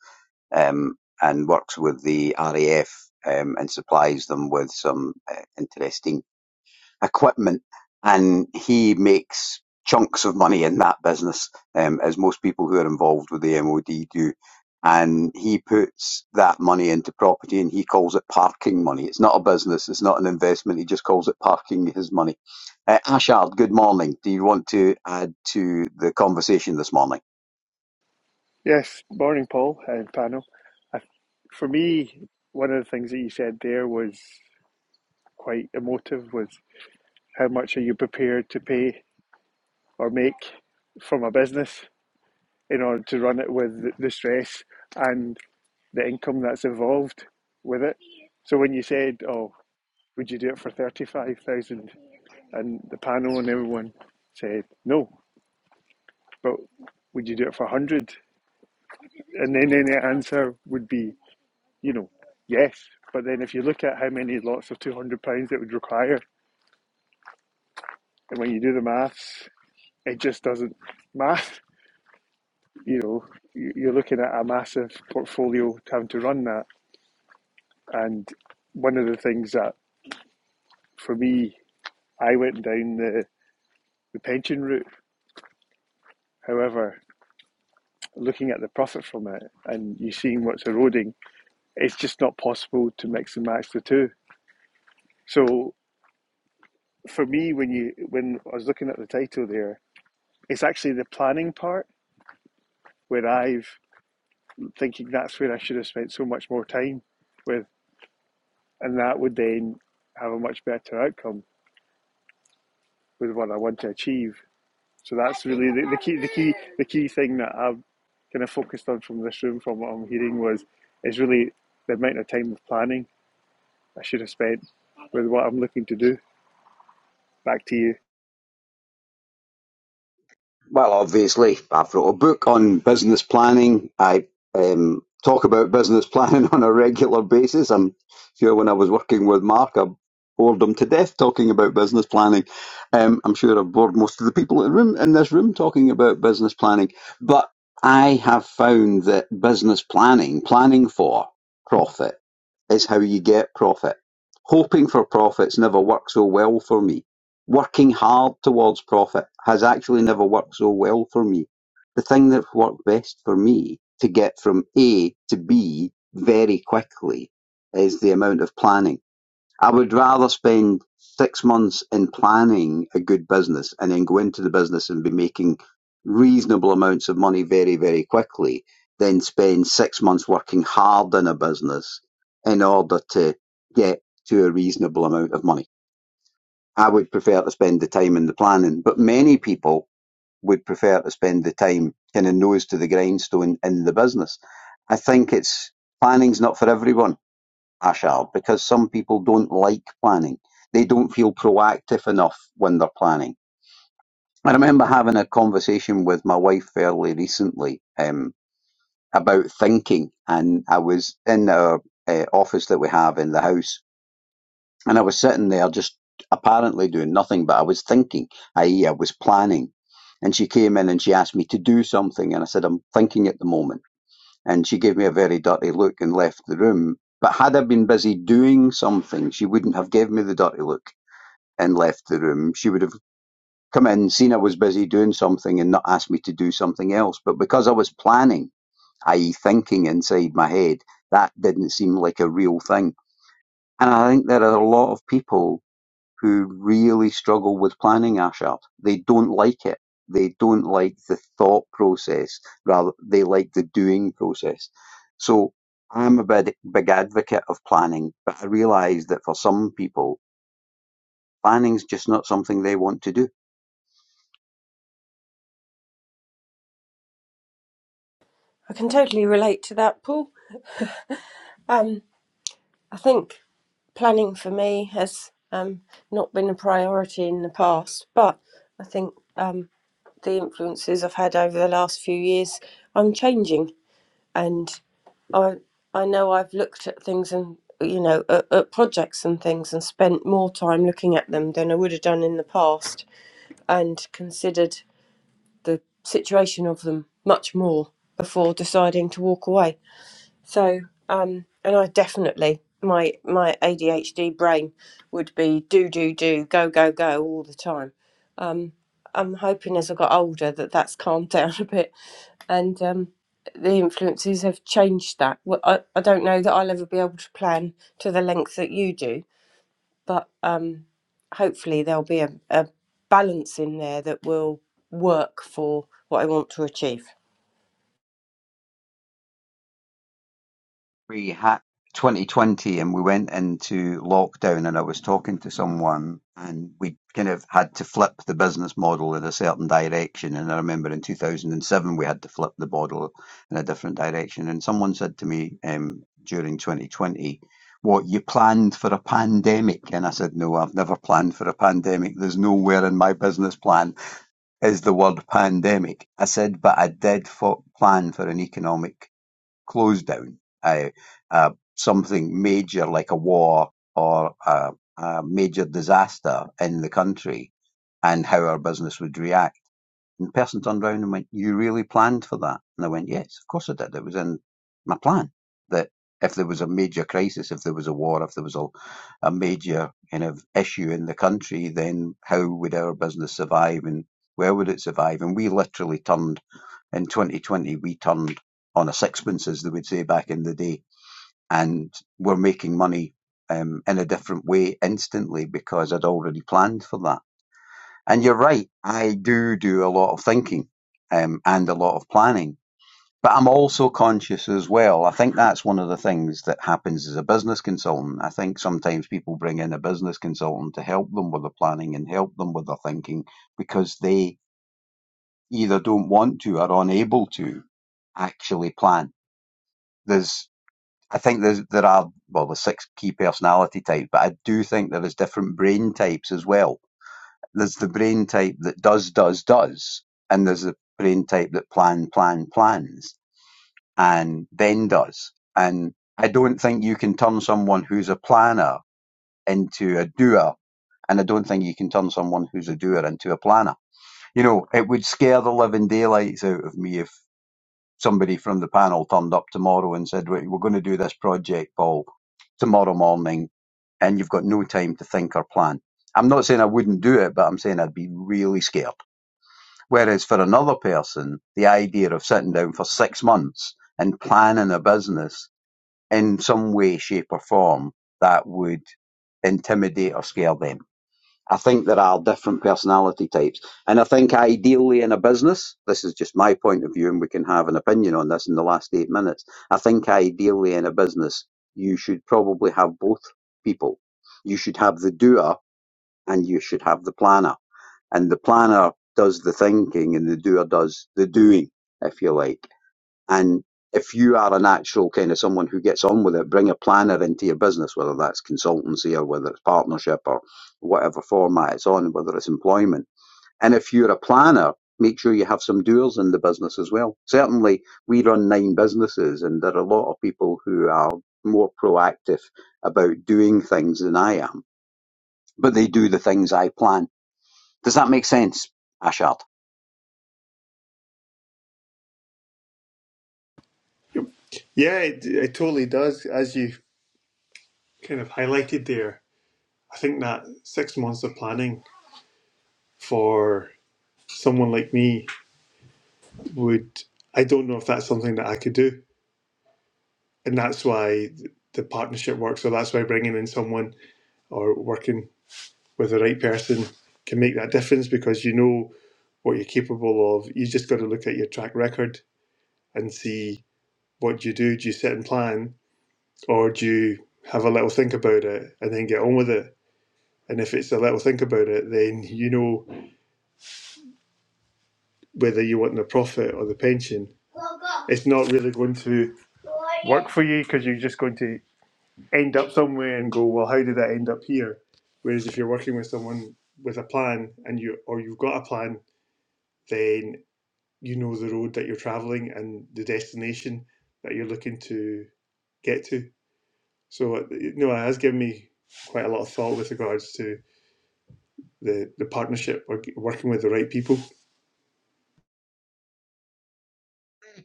A: um, and works with the RAF um, and supplies them with some uh, interesting equipment, and he makes chunks of money in that business, um, as most people who are involved with the MOD do. And he puts that money into property, and he calls it parking money. It's not a business, it's not an investment. He just calls it parking his money. Uh, Ashard, good morning. Do you want to add to the conversation this morning?
F: Yes, morning, Paul and panel. I, for me, one of the things that you said there was quite emotive. Was how much are you prepared to pay or make from a business in order to run it with the the stress and the income that's involved with it? So when you said, "Oh, would you do it for thirty-five thousand?" and the panel and everyone said no, but would you do it for a hundred? And then any answer would be you know, yes. But then if you look at how many lots of two hundred pounds it would require, and when you do the maths, it just doesn't math. You know, you- you're looking at a massive portfolio having to run that. And one of the things that for me, I went down the, the pension route. However, looking at the profit from it and you seeing what's eroding, it's just not possible to mix and match the two. So for me, when you when I was looking at the title there, it's actually the planning part where I've thinking that's where I should have spent so much more time with, and that would then have a much better outcome with what I want to achieve. So that's really the, the key, the key, the key thing that I've kind of focused on from this room, from what I'm hearing, was is really the amount of time of planning I should have spent with what I'm looking to do. Back to you.
A: Well, obviously, I've wrote a book on business planning. I um, talk about business planning on a regular basis. I'm sure when I was working with Mark, I bored him to death talking about business planning. Um, I'm sure I've bored most of the people in, the room, in this room talking about business planning. But I have found that business planning, planning for profit, is how you get profit. Hoping for profits never worked so well for me Working hard towards profit has actually never worked so well for me. The thing that worked best for me to get from A to B very quickly is the amount of planning. I would rather spend six months in planning a good business and then go into the business and be making reasonable amounts of money very, very quickly than spend six months working hard in a business in order to get to a reasonable amount of money. I would prefer to spend the time in the planning, but many people would prefer to spend the time kind of nose to the grindstone in the business. I think it's planning's not for everyone, Ashal, because some people don't like planning. They don't feel proactive enough when they're planning. I remember having a conversation with my wife fairly recently um, about thinking, and I was in our uh, office that we have in the house and I was sitting there just apparently doing nothing, but I was thinking, i.e., I was planning. And she came in and she asked me to do something. And I said, I'm thinking at the moment. And she gave me a very dirty look and left the room. But had I been busy doing something, she wouldn't have given me the dirty look and left the room. She would have come in, seen I was busy doing something and not asked me to do something else. But because I was planning, i.e., thinking inside my head, that didn't seem like a real thing. And I think there are a lot of people who really struggle with planning ASHAP. They don't like it. They don't like the thought process. Rather, they like the doing process. So I'm a big, big advocate of planning, but I realize that for some people, planning's just not something they want to do.
B: I can totally relate to that, Paul. Um, I think planning for me has um, not been a priority in the past, but I think um, the influences I've had over the last few years, I'm changing. and I I know I've looked at things and you know at, at projects and things and spent more time looking at them than I would have done in the past and considered the situation of them much more before deciding to walk away. So um and I definitely my my ADHD brain would be do do do go go go all the time. I'm hoping as I got older that that's calmed down a bit and um, the influences have changed that. Well, I, I don't know that I'll ever be able to plan to the length that you do, but um, hopefully there'll be a, a balance in there that will work for what I want to achieve.
A: we had 2020 and we went into lockdown and I was talking to someone and we kind of had to flip the business model in a certain direction and I remember in 2007 we had to flip the model in a different direction and someone said to me um, during 2020 what you planned for a pandemic and I said no I've never planned for a pandemic there's nowhere in my business plan is the word pandemic I said but I did fo- plan for an economic closed down, uh, uh, something major like a war or a, a major disaster in the country, and how our business would react. The person turned around and went, You really planned for that? And I went, Yes, of course I did. It was in my plan that if there was a major crisis, if there was a war, if there was a, a major kind of issue in the country, then how would our business survive and where would it survive? And we literally turned in 2020, we turned on a sixpence, as they would say back in the day, and we're making money um, in a different way instantly because I'd already planned for that and you're right. I do do a lot of thinking um, and a lot of planning, but I'm also conscious as well. I think that's one of the things that happens as a business consultant. I think sometimes people bring in a business consultant to help them with the planning and help them with the thinking because they either don't want to or unable to actually plan. There's, I think there's, there are, well, the six key personality types, but I do think there is different brain types as well there's the brain type that does, does, does, and there's the brain type that plan, plan, plans, and then does. And I don't think you can turn someone who's a planner into a doer, and I don't think you can turn someone who's a doer into a planner. You know, it would scare the living daylights out of me if somebody from the panel turned up tomorrow and said, "Right, "We're going to do this project, Paul, tomorrow morning, and you've got no time to think or plan." I'm not saying I wouldn't do it, but I'm saying I'd be really scared. Whereas for another person, the idea of sitting down for six months and planning a business in some way, shape, or form that would intimidate or scare them. I think there are different personality types. And I think ideally in a business, this is just my point of view, and we can have an opinion on this in the last eight minutes. I think ideally in a business, you should probably have both people. You should have the doer and you should have the planner and the planner does the thinking and the doer does the doing, if you like. And if you are an actual kind of someone who gets on with it, bring a planner into your business, whether that's consultancy or whether it's partnership or whatever format it's on, whether it's employment. And if you're a planner, make sure you have some doers in the business as well. Certainly, we run nine businesses and there are a lot of people who are more proactive about doing things than I am, but they do the things I plan. Does that make sense, Ashard?
F: Yeah, it, it totally does. As you kind of highlighted there, I think that six months of planning for someone like me would I don't know if that's something that I could do, and that's why the partnership works. So that's why bringing in someone or working with the right person can make that difference because you know what you're capable of. You just got to look at your track record and see what you do. Do you sit and plan, or do you have a little think about it and then get on with it? And if it's a little think about it, then you know whether you want the profit or the pension. It's not really going to work for you because you're just going to end up somewhere and go, well, how did that end up here? Whereas if you're working with someone with a plan and you or you've got a plan, then you know the road that you're traveling and the destination that you're looking to get to. So uh, you know, it has given me quite a lot of thought with regards to the the partnership or working with the right people.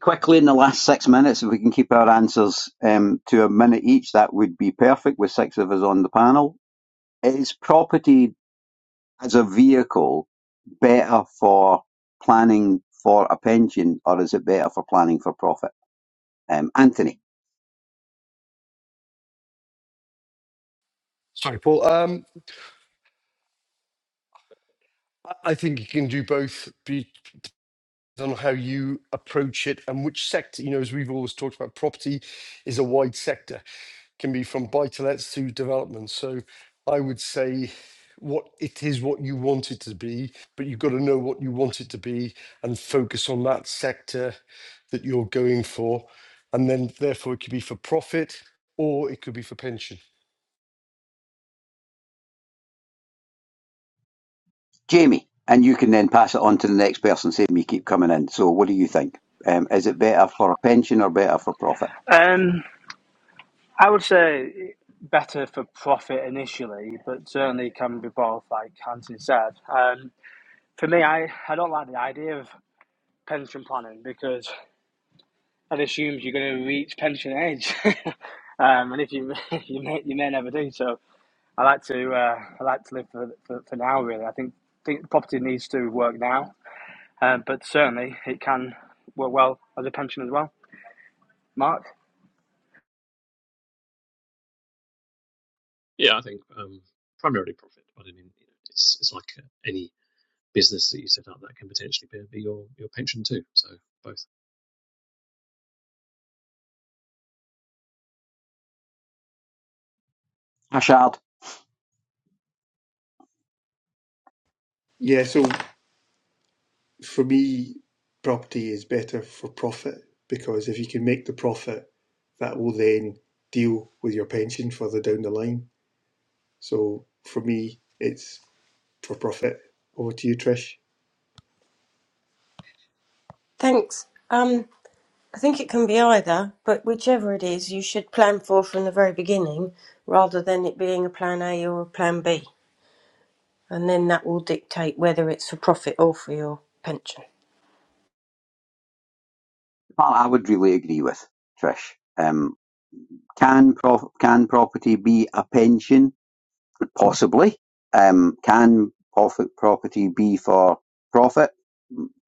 A: Quickly, in the last six minutes, if we can keep our answers um, to a minute each, that would be perfect with six of us on the panel. Is property as a vehicle better for planning for a pension or is it better for planning for profit? Um, Anthony,
D: Sorry, Paul. Um, I I think you can do both. Be on how you approach it and which sector, you know, as we've always talked about, property is a wide sector, can be from buy to lets to development. So I would say what it is what you want it to be, but you've got to know what you want it to be and focus on that sector that you're going for. And then therefore it could be for profit or it could be for pension.
A: Jamie, and you can then pass it on to the next person, save me keep coming in. So, what do you think? Um, is it better for a pension or better for profit?
E: Um, I would say better for profit initially, but certainly can be both, like Anthony said. Um, for me, I, I don't like the idea of pension planning because that assumes you're going to reach pension age, um, and if you you may you may never do. So I like to uh, I like to live for, for, for now. Really, I think think property needs to work now, um, but certainly it can work well as a pension as well. Mark.
C: Yeah, I think um, primarily profit, but I mean you know, it's it's like uh, any business that you set up that can potentially be, be your your pension too. So both.
A: Ashard,
F: Yeah, so for me, property is better for profit because if you can make the profit, that will then deal with your pension further down the line So for me, it's for profit. Over to you, Trish.
B: Thanks. Um, I think it can be either, but whichever it is, you should plan for from the very beginning rather than it being a plan A or a plan B. And then that will dictate whether it's for profit or for your pension.
A: part I would really agree with, Trish. Um, can, prof- can property be a pension? Possibly. Um, can profit property be for profit?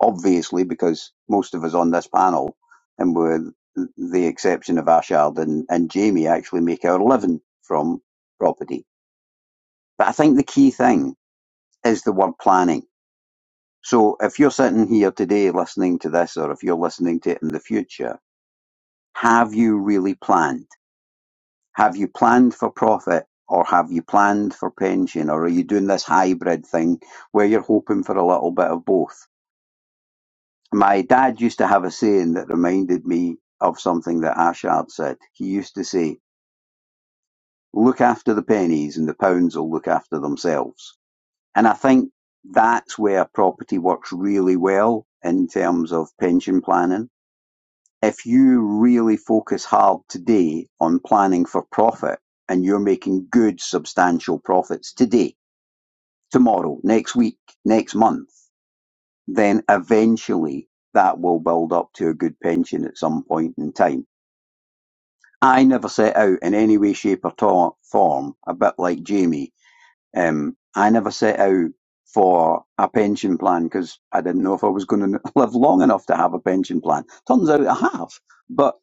A: Obviously, because most of us on this panel, and with the exception of Ashard and, and Jamie, actually make our living from property. But I think the key thing is the word planning. So if you're sitting here today listening to this, or if you're listening to it in the future, have you really planned? Have you planned for profit or have you planned for pension or are you doing this hybrid thing where you're hoping for a little bit of both? My dad used to have a saying that reminded me of something that Ashard said. He used to say, look after the pennies and the pounds will look after themselves. And I think that's where property works really well in terms of pension planning If you really focus hard today on planning for profit and you're making good substantial profits today, tomorrow, next week, next month, then eventually that will build up to a good pension at some point in time. I never set out in any way, shape or to- form, a bit like Jamie, um, I never set out for a pension plan because I didn't know if I was going to live long enough to have a pension plan. Turns out I have. But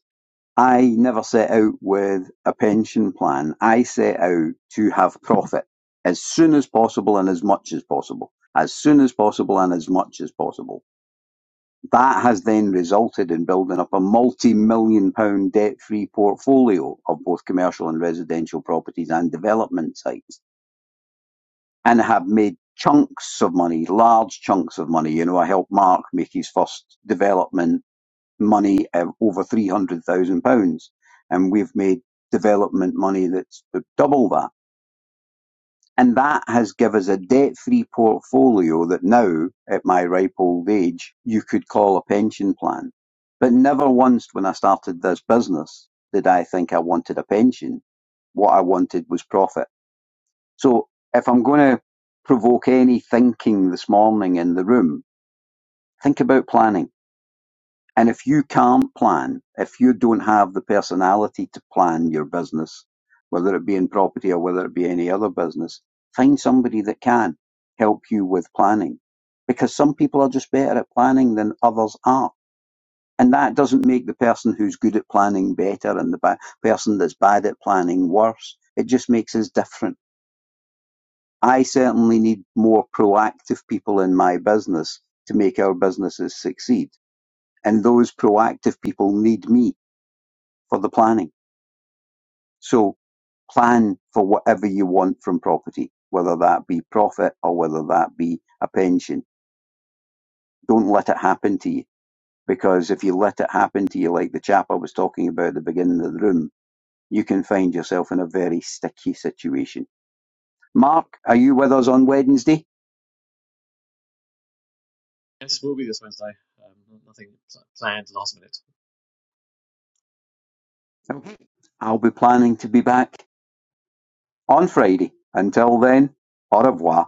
A: I never set out with a pension plan. I set out to have profit as soon as possible and as much as possible. As soon as possible and as much as possible. That has then resulted in building up a multi-million pound debt-free portfolio of both commercial and residential properties and development sites and have made chunks of money, large chunks of money. You know, I helped Mark make his first development money of over three hundred thousand pounds, and we've made development money that's double that. And that has given us a debt-free portfolio that now, at my ripe old age, you could call a pension plan. But never once when I started this business did I think I wanted a pension. What I wanted was profit. So if I'm going to provoke any thinking this morning in the room, think about planning And if you can't plan, if you don't have the personality to plan your business, whether it be in property or whether it be any other business, find somebody that can help you with planning. Because some people are just better at planning than others are. And that doesn't make the person who's good at planning better and the ba- person that's bad at planning worse. It just makes us different. I certainly need more proactive people in my business to make our businesses succeed. And those proactive people need me for the planning. So plan for whatever you want from property, whether that be profit or whether that be a pension. Don't let it happen to you because if you let it happen to you, like the chap I was talking about at the beginning of the room, you can find yourself in a very sticky situation. Mark, are you with us on Wednesday?
C: Yes, we'll be this Wednesday. Um, nothing planned last minute.
A: Okay. I'll be planning to be back on Friday. Until then, au revoir.